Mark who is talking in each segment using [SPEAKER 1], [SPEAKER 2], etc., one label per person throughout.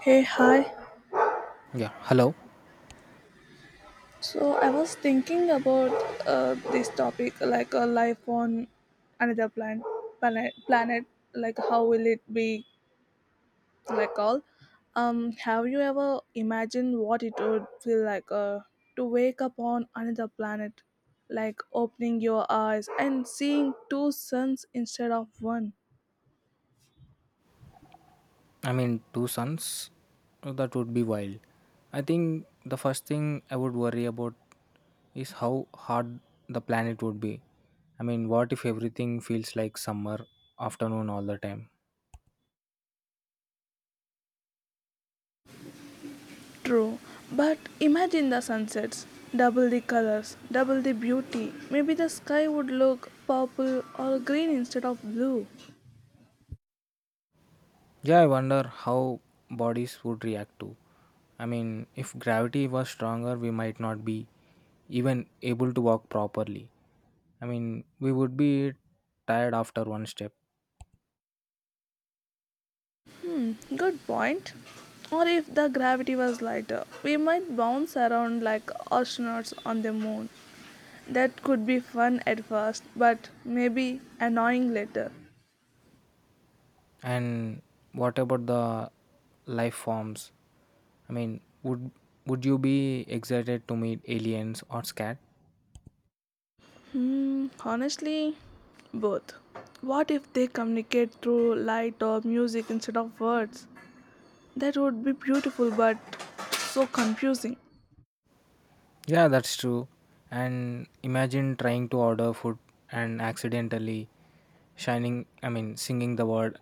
[SPEAKER 1] Hey, hi.
[SPEAKER 2] Yeah, hello.
[SPEAKER 1] So I was thinking about this topic, like a life on another planet. Like, how will it be? Like all. Have you ever imagined what it would feel like to wake up on another planet, like opening your eyes and seeing two suns instead of one?
[SPEAKER 2] I mean, two sons, that would be wild. I think the first thing I would worry about is how hard the planet would be. I mean, what if everything feels like summer afternoon all the time?
[SPEAKER 1] True, but imagine the sunsets. Double the colors, double the beauty. Maybe the sky would look purple or green instead of blue.
[SPEAKER 2] Yeah, I wonder how bodies would react to. I mean, if gravity was stronger, we might not be even able to walk properly. I mean, we would be tired after one step.
[SPEAKER 1] Good point. Or if the gravity was lighter, we might bounce around like astronauts on the moon. That could be fun at first, but maybe annoying later.
[SPEAKER 2] And what about the life forms? I mean, would you be excited to meet aliens or scared?
[SPEAKER 1] Hmm, honestly, both. What if they communicate through light or music instead of words? That would be beautiful but so confusing.
[SPEAKER 2] Yeah, that's true. And imagine trying to order food and accidentally shining, I mean, singing the word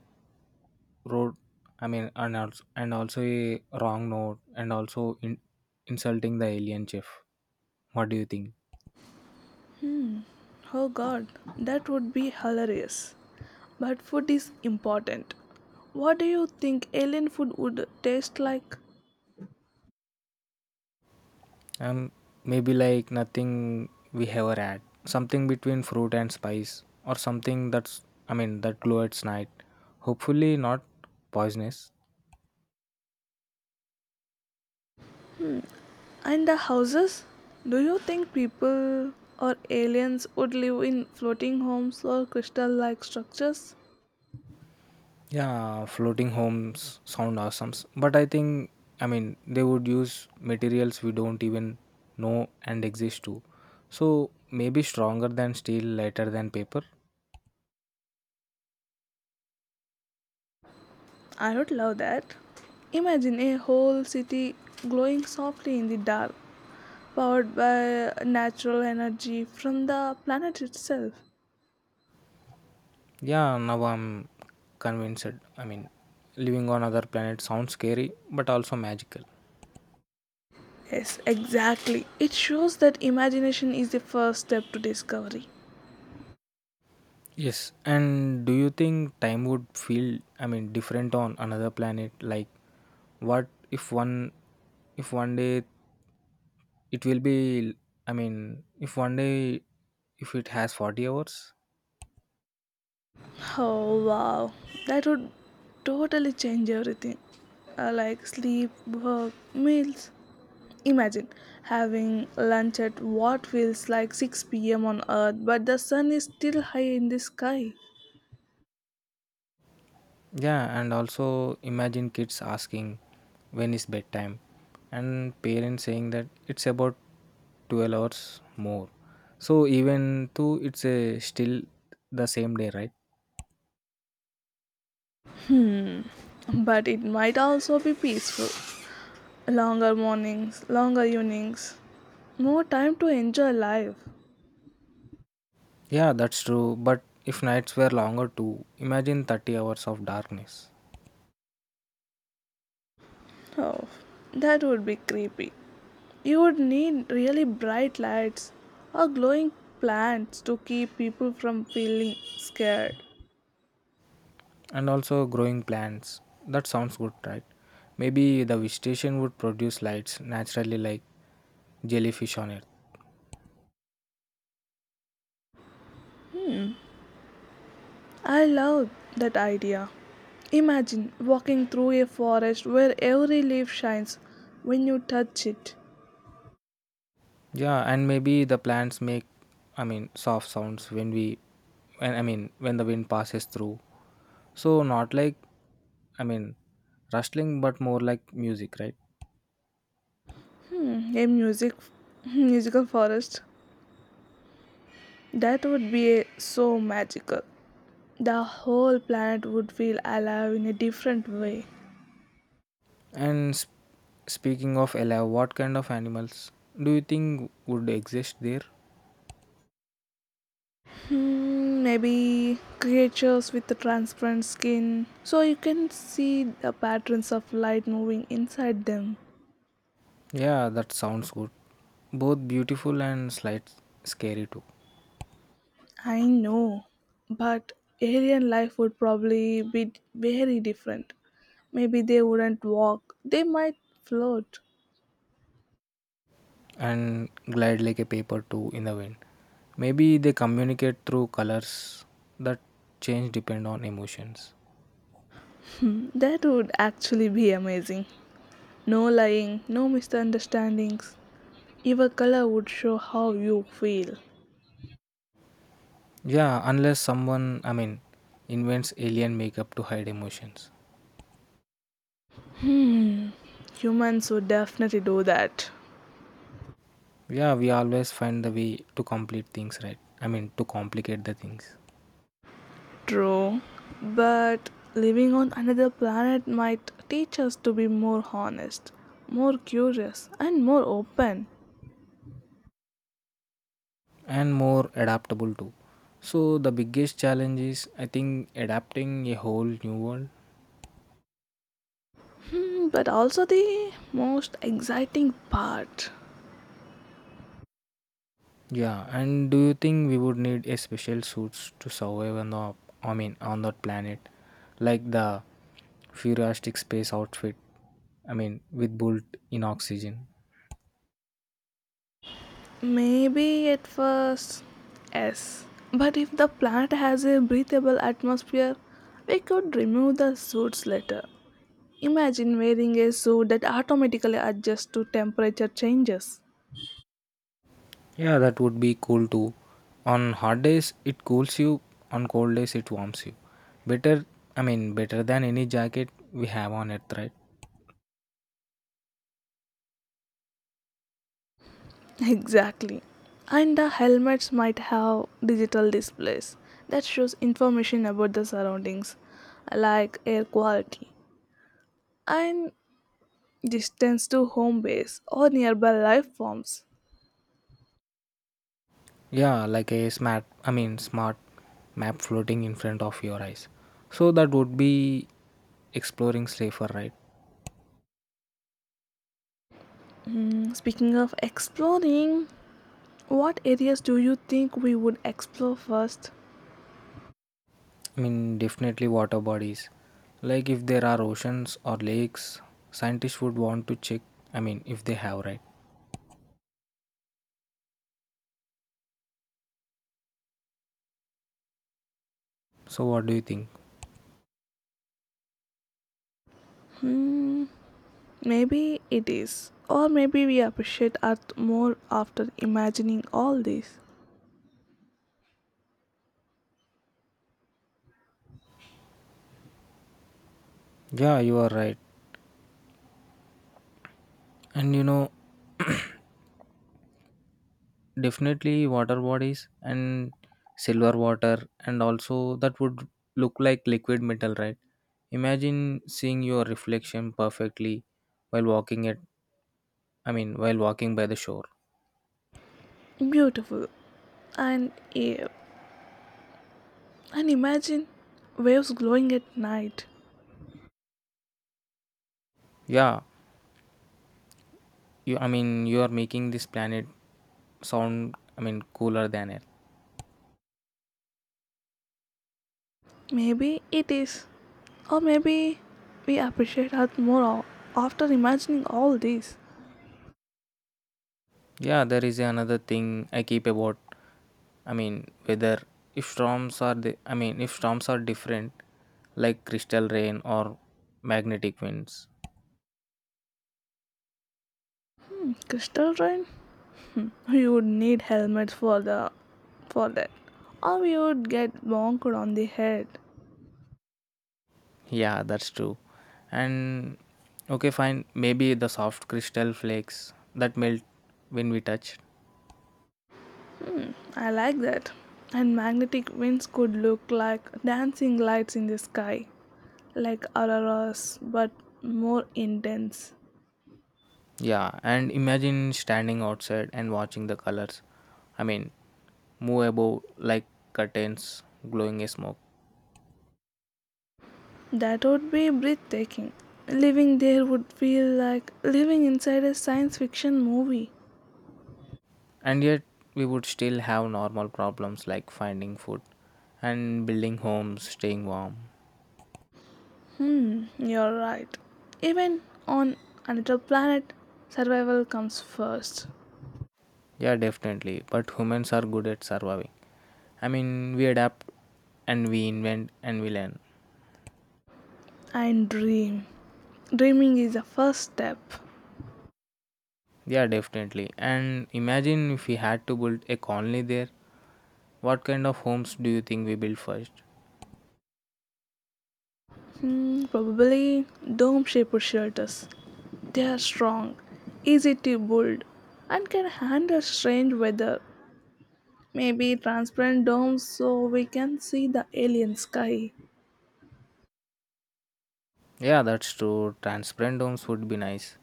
[SPEAKER 2] road, I mean, and also a wrong note and also insulting the alien chef. What do you think?
[SPEAKER 1] Oh god, that would be hilarious. But food is important. What do you think alien food would taste like?
[SPEAKER 2] And maybe like nothing we ever had, something between fruit and spice or something that's, I mean, that glow at night, hopefully not poisonous.
[SPEAKER 1] And the houses? Do you think people or aliens would live in floating homes or crystal like structures?
[SPEAKER 2] Yeah, floating homes sound awesome, but I think, I mean, they would use materials we don't even know and exist to. So maybe stronger than steel, lighter than paper.
[SPEAKER 1] I would love that. Imagine a whole city glowing softly in the dark, powered by natural energy from the planet itself.
[SPEAKER 2] Yeah, now I'm convinced, I mean, living on other planet sounds scary but also magical.
[SPEAKER 1] Yes, exactly. It shows that imagination is the first step to discovery.
[SPEAKER 2] Yes, and do you think time would feel, I mean, different on another planet? Like, what if one day it will be, I mean, if one day, if it has 40 hours?
[SPEAKER 1] Oh wow, that would totally change everything. Like sleep, work, meals. Imagine having lunch at what feels like 6 p.m. on Earth, but the sun is still high in the sky.
[SPEAKER 2] Yeah, and also imagine kids asking, when is bedtime? And parents saying that it's about 12 hours more. So even though still the same day, right?
[SPEAKER 1] But it might also be peaceful. Longer mornings, longer evenings, more time to enjoy life.
[SPEAKER 2] Yeah, that's true. But if nights were longer too, imagine 30 hours of darkness.
[SPEAKER 1] Oh, that would be creepy. You would need really bright lights or glowing plants to keep people from feeling scared.
[SPEAKER 2] And also growing plants. That sounds good, right? Maybe the vegetation would produce lights naturally like jellyfish on Earth.
[SPEAKER 1] I love that idea. Imagine walking through a forest where every leaf shines when you touch it.
[SPEAKER 2] Yeah, and maybe the plants make, I mean, soft sounds when we when I mean when the wind passes through. So not like, I mean, rustling but more like music, right?
[SPEAKER 1] A musical forest. That would be so magical. The whole planet would feel alive in a different way.
[SPEAKER 2] And speaking of alive, what kind of animals do you think would exist there?
[SPEAKER 1] Mm, maybe creatures with the transparent skin so you can see the patterns of light moving inside them.
[SPEAKER 2] Yeah, that sounds good. Both beautiful and slight scary too.
[SPEAKER 1] I know, but alien life would probably very different. Maybe they wouldn't walk, they might float.
[SPEAKER 2] And glide like a paper too in the wind. Maybe they communicate through colors that change depend on emotions.
[SPEAKER 1] That would actually be amazing. No lying, no misunderstandings, your color would show how you feel.
[SPEAKER 2] Yeah, unless someone, I mean, invents alien makeup to hide emotions.
[SPEAKER 1] Humans would definitely do that.
[SPEAKER 2] Yeah, we always find the way to complete things, right? I mean, to complicate the things.
[SPEAKER 1] True, but living on another planet might teach us to be more honest, more curious, and more open.
[SPEAKER 2] And more adaptable too. So the biggest challenge is, I think, adapting a whole new world.
[SPEAKER 1] Hmm, but also the most exciting part.
[SPEAKER 2] Yeah, and do you think we would need a special suits to survive on the I mean on that planet? Like the futuristic space outfit. I mean with built in oxygen.
[SPEAKER 1] Maybe at first, yes. But if the planet has a breathable atmosphere, we could remove the suits later. Imagine wearing a suit that automatically adjusts to temperature changes.
[SPEAKER 2] Yeah, that would be cool too. On hot days it cools you, on cold days it warms you. Better I mean better than any jacket we have on Earth, right?
[SPEAKER 1] Exactly. And the helmets might have digital displays that shows information about the surroundings, like air quality and distance to home base or nearby life forms.
[SPEAKER 2] Yeah, like a smart, I mean, smart map floating in front of your eyes. So that would be exploring safer, right?
[SPEAKER 1] Hmm, speaking of exploring, what areas do you think we would explore first?
[SPEAKER 2] I mean, definitely water bodies. Like if there are oceans or lakes, scientists would want to check, I mean, if they have, right? So what do you think?
[SPEAKER 1] Maybe it is, or maybe we appreciate art more after imagining all this.
[SPEAKER 2] Yeah, you are right. And definitely water bodies and silver water and also that would look like liquid metal, right? Imagine seeing your reflection perfectly while walking it I mean while walking by the shore.
[SPEAKER 1] Beautiful. And yeah, and imagine waves glowing at night.
[SPEAKER 2] Yeah, you I mean you are making this planet sound, I mean, cooler than Earth.
[SPEAKER 1] Maybe it is. Or maybe we appreciate Earth more after imagining all this.
[SPEAKER 2] Yeah, there is another thing I keep about, I mean, whether if storms are the I mean if storms are different like crystal rain or magnetic winds.
[SPEAKER 1] Crystal rain? We would need helmets for that. Or we would get bonked on the head.
[SPEAKER 2] Yeah, that's true. And okay, fine. Maybe the soft crystal flakes that melt when we touch.
[SPEAKER 1] I like that. And magnetic winds could look like dancing lights in the sky. Like auroras, but more intense.
[SPEAKER 2] Yeah, and imagine standing outside and watching the colors. I mean, move above like curtains glowing in smoke.
[SPEAKER 1] That would be breathtaking. Living there would feel like living inside a science fiction movie.
[SPEAKER 2] And yet, we would still have normal problems like finding food and building homes, staying warm.
[SPEAKER 1] You're right. Even on another planet, survival comes first.
[SPEAKER 2] Yeah, definitely. But humans are good at surviving. I mean, we adapt and we invent and we learn.
[SPEAKER 1] And dream. Dreaming is the first step.
[SPEAKER 2] Yeah, definitely. And imagine if we had to build a colony there, what kind of homes do you think we build first?
[SPEAKER 1] Hmm, probably dome shaped shelters. They are strong, easy to build, and can handle strange weather. Maybe transparent domes so we can see the alien sky.
[SPEAKER 2] Yeah, that's true. Transparent homes would be nice.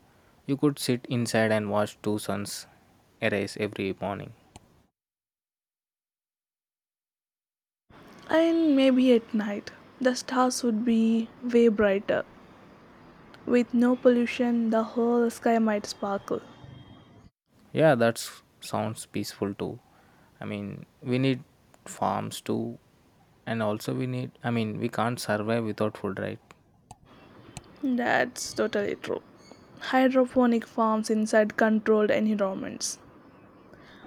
[SPEAKER 2] You could sit inside and watch two suns arise every morning.
[SPEAKER 1] And maybe at night, the stars would be way brighter. With no pollution, the whole sky might sparkle.
[SPEAKER 2] Yeah, that sounds peaceful too. I mean, we need farms too, and also we need, I mean, we can't survive without food, right?
[SPEAKER 1] That's totally true. Hydroponic farms inside controlled environments.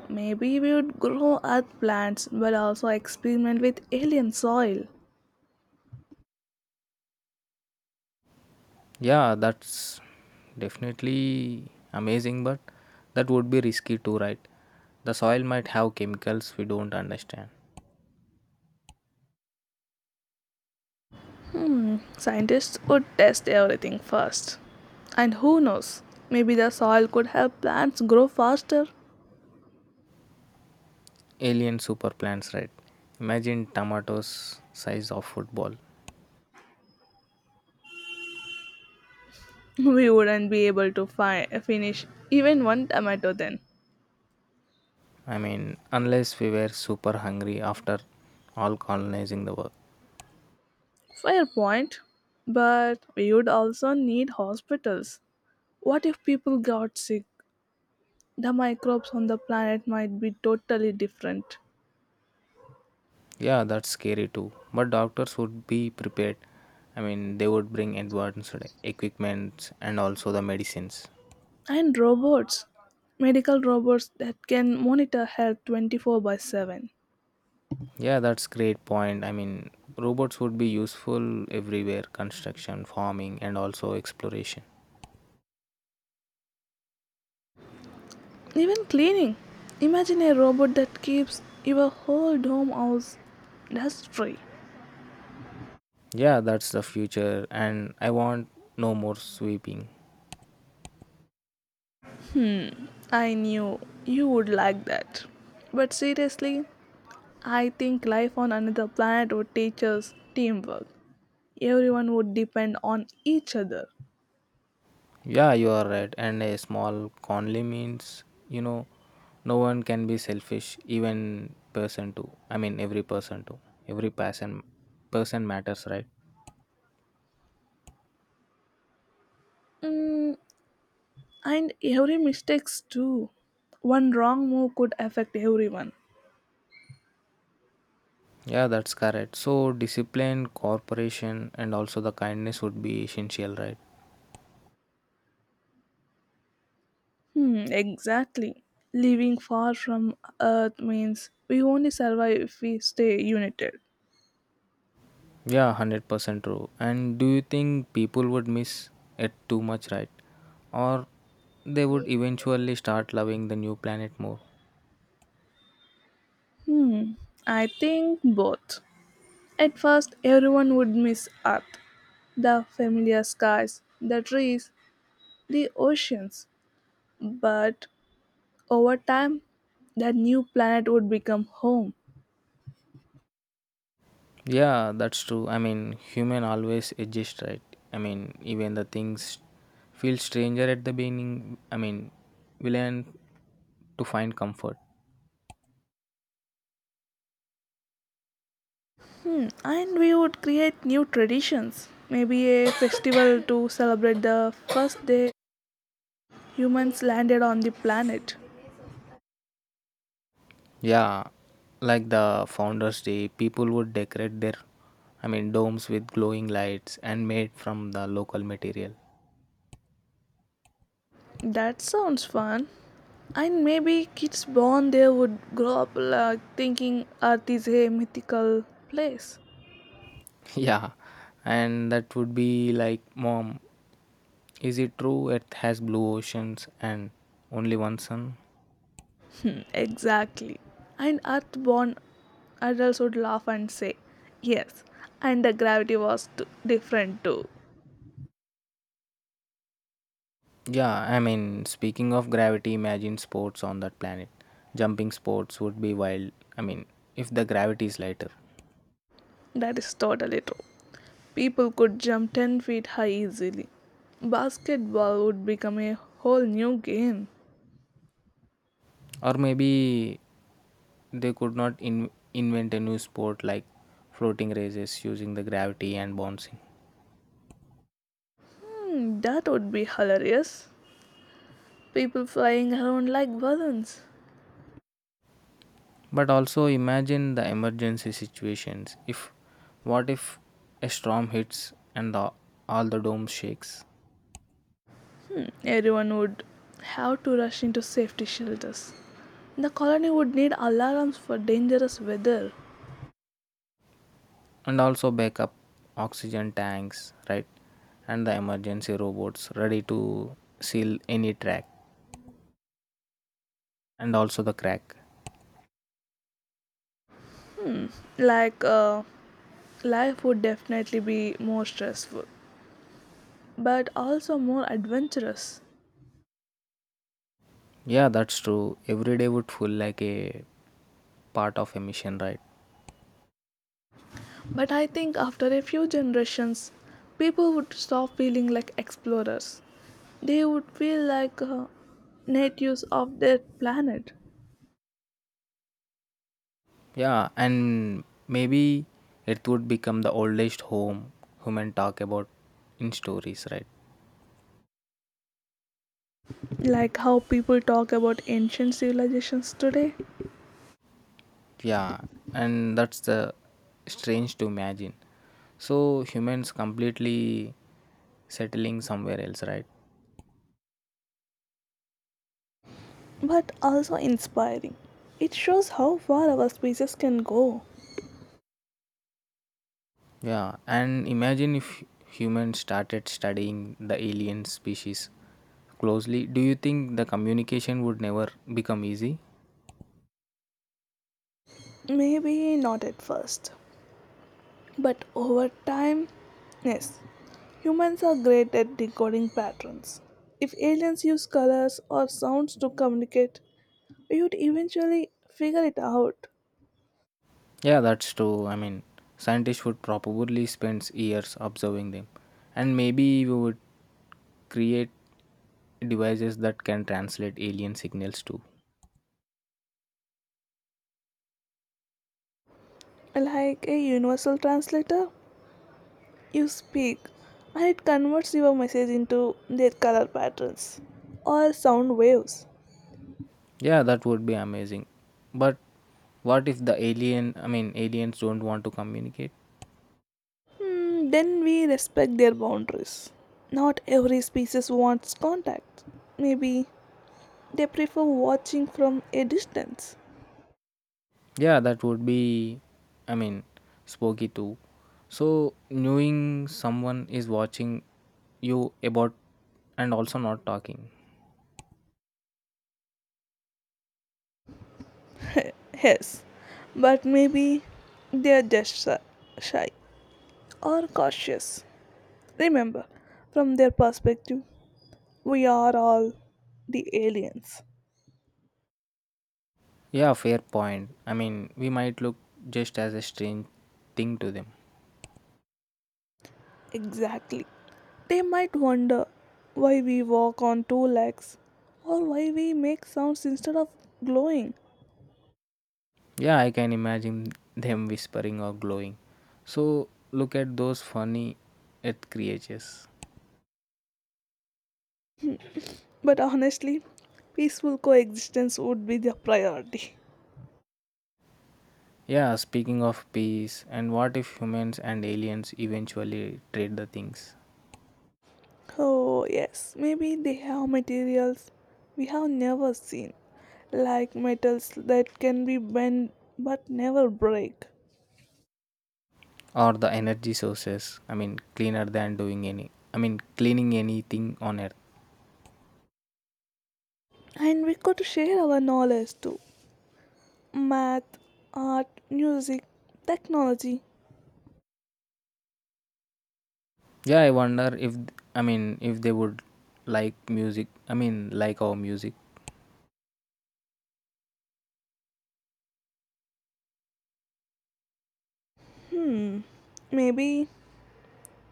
[SPEAKER 1] Maybe we would grow earth plants but also experiment with alien soil.
[SPEAKER 2] Yeah, that's definitely amazing, but that would be risky too, right? The soil might have chemicals we don't understand.
[SPEAKER 1] Scientists would test everything first. And who knows, maybe the soil could help plants grow faster.
[SPEAKER 2] Alien super plants, right? Imagine tomatoes size of football.
[SPEAKER 1] We wouldn't be able to finish even one tomato then.
[SPEAKER 2] I mean, unless we were super hungry after all colonizing the world.
[SPEAKER 1] Fair point. But you'd also need hospitals. What if people got sick? The microbes on the planet might be totally different.
[SPEAKER 2] Yeah, that's scary too. But doctors would be prepared. I mean, they would bring advanced equipment and also the medicines.
[SPEAKER 1] And robots. Medical robots that can monitor health 24 by 7.
[SPEAKER 2] Yeah, that's great point. I mean, robots would be useful everywhere, construction, farming, and also exploration.
[SPEAKER 1] Even cleaning. Imagine a robot that keeps your whole dome house dust free.
[SPEAKER 2] Yeah, that's the future, and I want no more sweeping.
[SPEAKER 1] I knew you would like that. But seriously, I think life on another planet would teach us teamwork. Everyone would depend on each other.
[SPEAKER 2] Yeah, you are right. And a small conly means, no one can be selfish, even person too. I mean, every person too. Every person matters, right?
[SPEAKER 1] Mm, and every mistakes too. One wrong move could affect everyone.
[SPEAKER 2] Yeah, that's correct. So discipline, cooperation, and also the kindness would be essential, right?
[SPEAKER 1] Hmm, exactly. Living far from Earth means we only survive if we stay united.
[SPEAKER 2] Yeah, 100% true. And do you think people would miss it too much, right? Or they would eventually start loving the new planet more?
[SPEAKER 1] Hmm, I think both. At first, everyone would miss Earth, the familiar skies, the trees, the oceans. But over time, that new planet would become home.
[SPEAKER 2] Yeah, that's true. I mean, human always adjust, right? I mean, even the things feel stranger at the beginning. I mean, we learn to find comfort.
[SPEAKER 1] Hmm, and we would create new traditions. Maybe a festival to celebrate the first day humans landed on the planet.
[SPEAKER 2] Yeah, like the Founders Day, people would decorate their, I mean, domes with glowing lights and made from the local material.
[SPEAKER 1] That sounds fun. And maybe kids born there would grow up like thinking Earth is a mythical place.
[SPEAKER 2] Yeah, and that would be like, Mom, is it true Earth has blue oceans and only one sun?
[SPEAKER 1] Hmm, exactly. And Earth born adults would laugh and say, yes, and the gravity was different too.
[SPEAKER 2] Yeah, I mean, speaking of gravity, imagine sports on that planet. Jumping sports would be wild. I mean, if the gravity is lighter.
[SPEAKER 1] That is totally true. People could jump 10 feet high easily. Basketball would become a whole new game.
[SPEAKER 2] Or maybe they could not invent a new sport like floating races using the gravity and bouncing.
[SPEAKER 1] Hmm, that would be hilarious. People flying around like balloons.
[SPEAKER 2] But also imagine the emergency situations if what if a storm hits and all the dome shakes.
[SPEAKER 1] Hmm, everyone would have to rush into safety shelters. The colony would need alarms for dangerous weather.
[SPEAKER 2] And also backup oxygen tanks, right? And the emergency robots ready to seal any track and also the crack.
[SPEAKER 1] Like, life would definitely be more stressful, but also more adventurous.
[SPEAKER 2] Yeah, that's true, every day would feel like a part of a mission, right?
[SPEAKER 1] But I think after a few generations, people would stop feeling like explorers. They would feel like natives of their planet,
[SPEAKER 2] Yeah, and maybe it would become the oldest home human talk about in stories, right?
[SPEAKER 1] like how people talk about ancient civilizations today,
[SPEAKER 2] Yeah, and that's the strange to imagine. So humans completely settling somewhere else, right?
[SPEAKER 1] but also inspiring. It shows how far our species can go.
[SPEAKER 2] Yeah, and imagine if humans started studying the alien species closely. Do you think the communication would never become easy?
[SPEAKER 1] Maybe not at first, but over time, yes, humans are great at decoding patterns. If aliens use colors or sounds to communicate, you'd eventually figure it out.
[SPEAKER 2] Yeah, that's true. I mean, scientists would probably spend years observing them, and maybe we would create devices that can translate alien signals too.
[SPEAKER 1] Like a universal translator, you speak and it converts your message into their color patterns or sound waves.
[SPEAKER 2] Yeah, that would be amazing. But what if the alien, I mean, aliens don't want to communicate?
[SPEAKER 1] Mm, then we respect their boundaries. Not every species wants contact. Maybe they prefer watching from a distance.
[SPEAKER 2] Yeah, that would be, I mean, spooky too. So, knowing someone is watching you about and also not talking.
[SPEAKER 1] Yes, but maybe they are just shy or cautious. Remember, from their perspective, we are all the aliens.
[SPEAKER 2] Yeah, fair point. I mean, we might look just as a strange thing to them.
[SPEAKER 1] Exactly. They might wonder why we walk on two legs or why we make sounds instead of glowing.
[SPEAKER 2] Yeah, I can imagine them whispering or glowing. So, look at those funny earth creatures.
[SPEAKER 1] But honestly, peaceful coexistence would be their priority.
[SPEAKER 2] Yeah, speaking of peace, and what if humans and aliens eventually trade the things,
[SPEAKER 1] Oh, yes, maybe they have materials we have never seen, like metals that can be bent but never break.
[SPEAKER 2] or the energy sources? I mean, cleaner than doing any, I mean, cleaning anything on earth.
[SPEAKER 1] And we could share our knowledge too. Math, art, music, technology.
[SPEAKER 2] Yeah, I wonder if, I mean, if they would like music, I mean, like our music.
[SPEAKER 1] Hmm, maybe.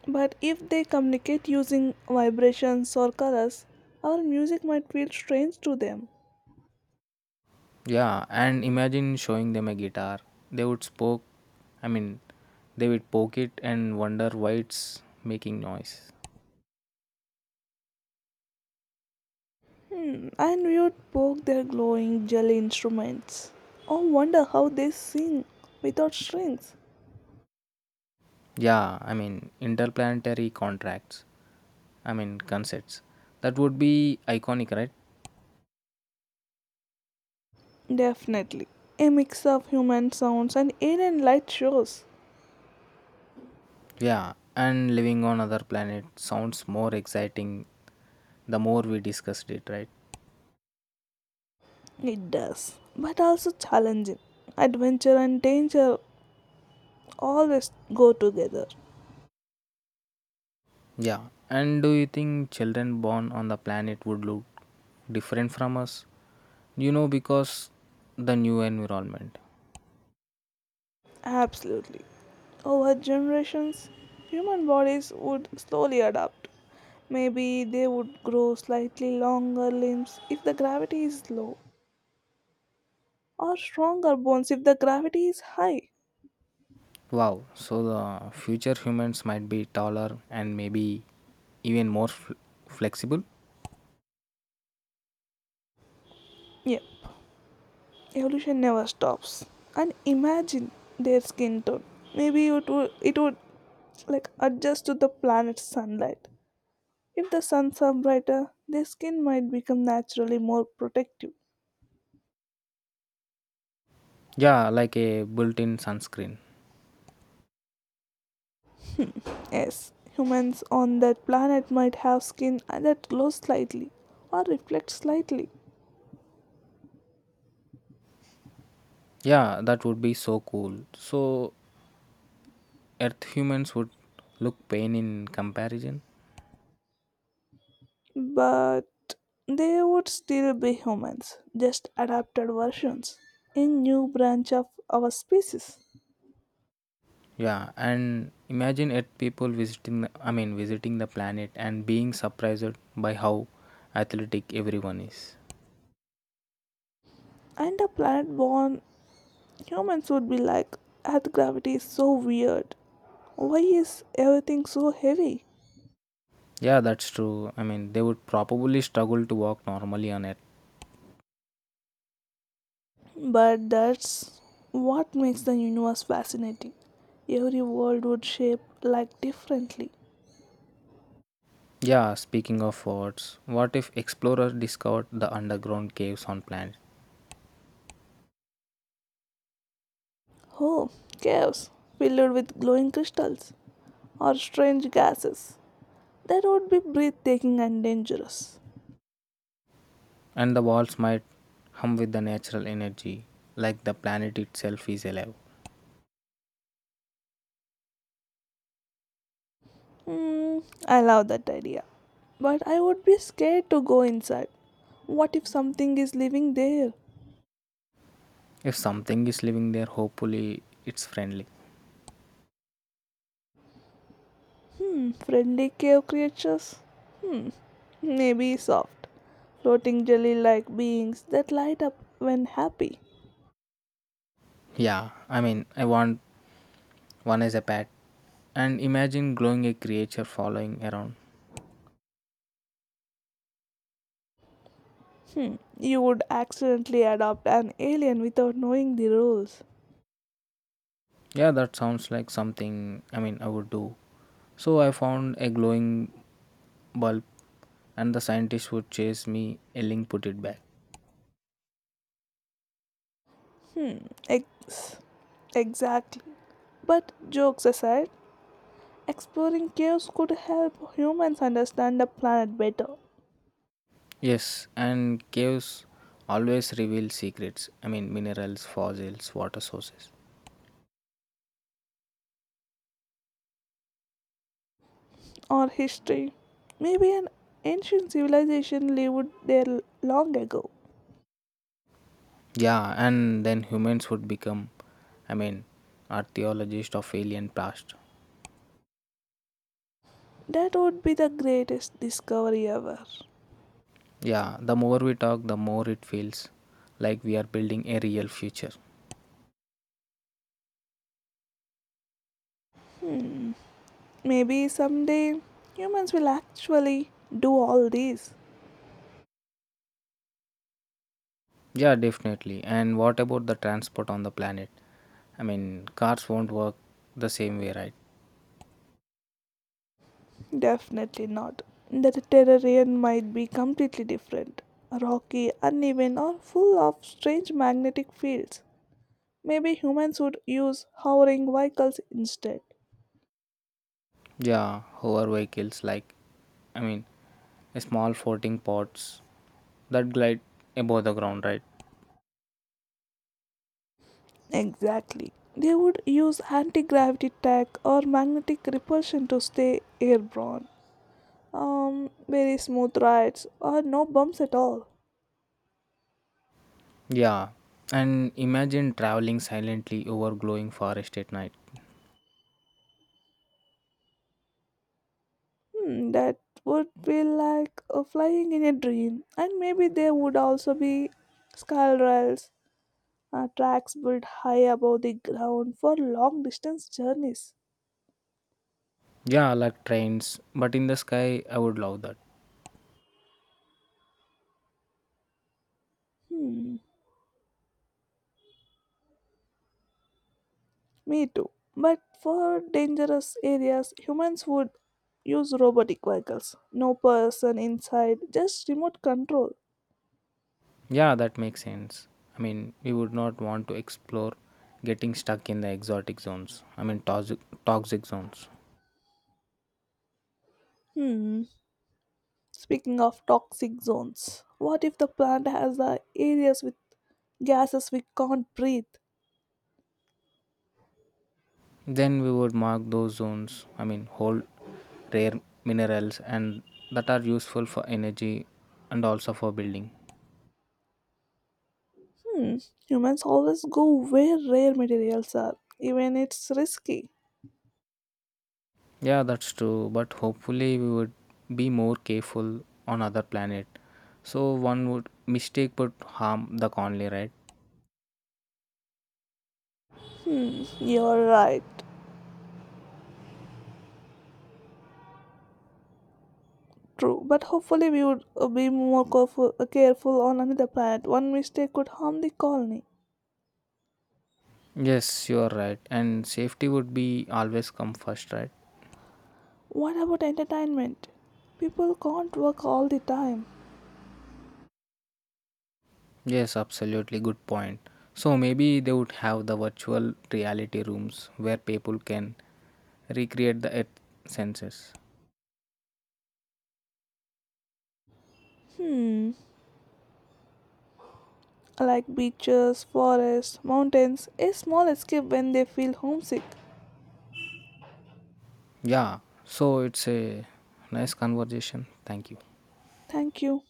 [SPEAKER 1] But if they communicate using vibrations or colors, our music might feel strange to them.
[SPEAKER 2] Yeah, and imagine showing them a guitar. They would spoke, I mean, they would poke it and wonder why it's making noise.
[SPEAKER 1] Hmm, and we would poke their glowing jelly instruments. Or wonder how they sing without strings.
[SPEAKER 2] Yeah, I mean, interplanetary contracts. I mean concepts. That would be iconic, right?
[SPEAKER 1] Definitely. A mix of human sounds and alien light shows.
[SPEAKER 2] Yeah, and living on other planet sounds more exciting the more we discussed it, right?
[SPEAKER 1] It does. But also challenging. Adventure and danger always go together.
[SPEAKER 2] Yeah. And do you think children born on the planet would look different from us? You know, because the new environment.
[SPEAKER 1] Absolutely. Over generations, human bodies would slowly adapt. Maybe they would grow slightly longer limbs if the gravity is low, or stronger bones if the gravity is high.
[SPEAKER 2] Wow, so the future humans might be taller and maybe even more flexible.
[SPEAKER 1] Yeah, evolution never stops. And imagine their skin tone. Maybe it would like adjust to the planet's sunlight. If the suns are brighter, their skin might become naturally more protective.
[SPEAKER 2] Yeah, like a built in sunscreen.
[SPEAKER 1] Yes, humans on that planet might have skin that glows slightly or reflects slightly,
[SPEAKER 2] Yeah, that would be so cool. So, earth humans would look pain in comparison.
[SPEAKER 1] but they would still be humans, just adapted versions. A new branch of our species.
[SPEAKER 2] Yeah, and imagine earth people visiting I mean visiting the planet and being surprised by how athletic everyone is.
[SPEAKER 1] And a planet born humans would be like, Earth gravity is so weird. Why is everything so heavy?
[SPEAKER 2] Yeah, that's true, I mean they would probably struggle to walk normally on earth.
[SPEAKER 1] But that's what makes the universe fascinating. Every world would shape like differently.
[SPEAKER 2] Yeah, speaking of forts, what if explorers discovered the underground caves on planet?
[SPEAKER 1] Oh, caves filled with glowing crystals or strange gases. That would be breathtaking and dangerous.
[SPEAKER 2] And the walls might hum with the natural energy, like the planet itself is alive.
[SPEAKER 1] Hmm, I love that idea. But I would be scared to go inside. What if something is living there?
[SPEAKER 2] If something is living there, hopefully it's friendly.
[SPEAKER 1] Hmm, friendly cave creatures? Hmm, maybe soft, floating jelly like beings that light up when happy.
[SPEAKER 2] Yeah, I mean, I want one as a pet. And imagine growing a creature following around.
[SPEAKER 1] Hmm, you would accidentally adopt an alien without knowing the rules.
[SPEAKER 2] Yeah, that sounds like something, I mean, I would do. So I found a glowing bulb and the scientist would chase me yelling put it back.
[SPEAKER 1] Ex- exactly. But jokes aside, exploring caves could help humans understand the planet better,
[SPEAKER 2] Yes, and caves always reveal secrets. I mean minerals, fossils, water sources.
[SPEAKER 1] or history. Maybe an ancient civilization lived there long ago.
[SPEAKER 2] Yeah, and then humans would become, I mean, archaeologists of alien past.
[SPEAKER 1] That would be the greatest discovery ever.
[SPEAKER 2] Yeah, the more we talk, the more it feels like we are building a real future.
[SPEAKER 1] Hmm. Maybe someday humans will actually do all these.
[SPEAKER 2] Yeah, definitely. And what about the transport on the planet? I mean, cars won't work the same way, right?
[SPEAKER 1] Definitely not. The terrarium might be completely different, rocky, uneven, or full of strange magnetic fields. Maybe humans would use hovering vehicles instead.
[SPEAKER 2] Yeah, hover vehicles like, I mean, small floating pods that glide above the ground, right?
[SPEAKER 1] Exactly. They would use anti gravity tech or magnetic repulsion to stay airborne. Very smooth rides or no bumps at all.
[SPEAKER 2] Yeah, and imagine traveling silently over glowing forest at night.
[SPEAKER 1] Hmm, that would be like flying in a dream. And maybe there would also be skyrails, tracks built high above the ground for long distance journeys.
[SPEAKER 2] Yeah, like trains, but in the sky, I would love that.
[SPEAKER 1] Hmm. Me too. But for dangerous areas, humans would use robotic vehicles. No person inside, just remote control.
[SPEAKER 2] Yeah, that makes sense. I mean, we would not want to explore getting stuck in the exotic zones. I mean, toxic zones.
[SPEAKER 1] Hmm. Speaking of toxic zones, what if the plant has areas with gases we can't breathe?
[SPEAKER 2] Then we would mark those zones. I mean, hold rare minerals and that are useful for energy and also for building.
[SPEAKER 1] Hmm. Humans always go where rare materials are, even it's risky.
[SPEAKER 2] Yeah, that's true. But hopefully, we would be more careful on other planet. So one would mistake would harm the colony, right?
[SPEAKER 1] You're right. True, but hopefully we would be more careful on another planet. One mistake could harm the colony.
[SPEAKER 2] Yes, you are right. And safety would be always come first, right?
[SPEAKER 1] What about entertainment? People can't work all the time.
[SPEAKER 2] Yes, absolutely good point. So maybe they would have the virtual reality rooms where people can recreate the earth senses.
[SPEAKER 1] Hmm, like beaches, forests, mountains, a small escape when they feel homesick.
[SPEAKER 2] Yeah, so it's a nice conversation. Thank you.
[SPEAKER 1] Thank you.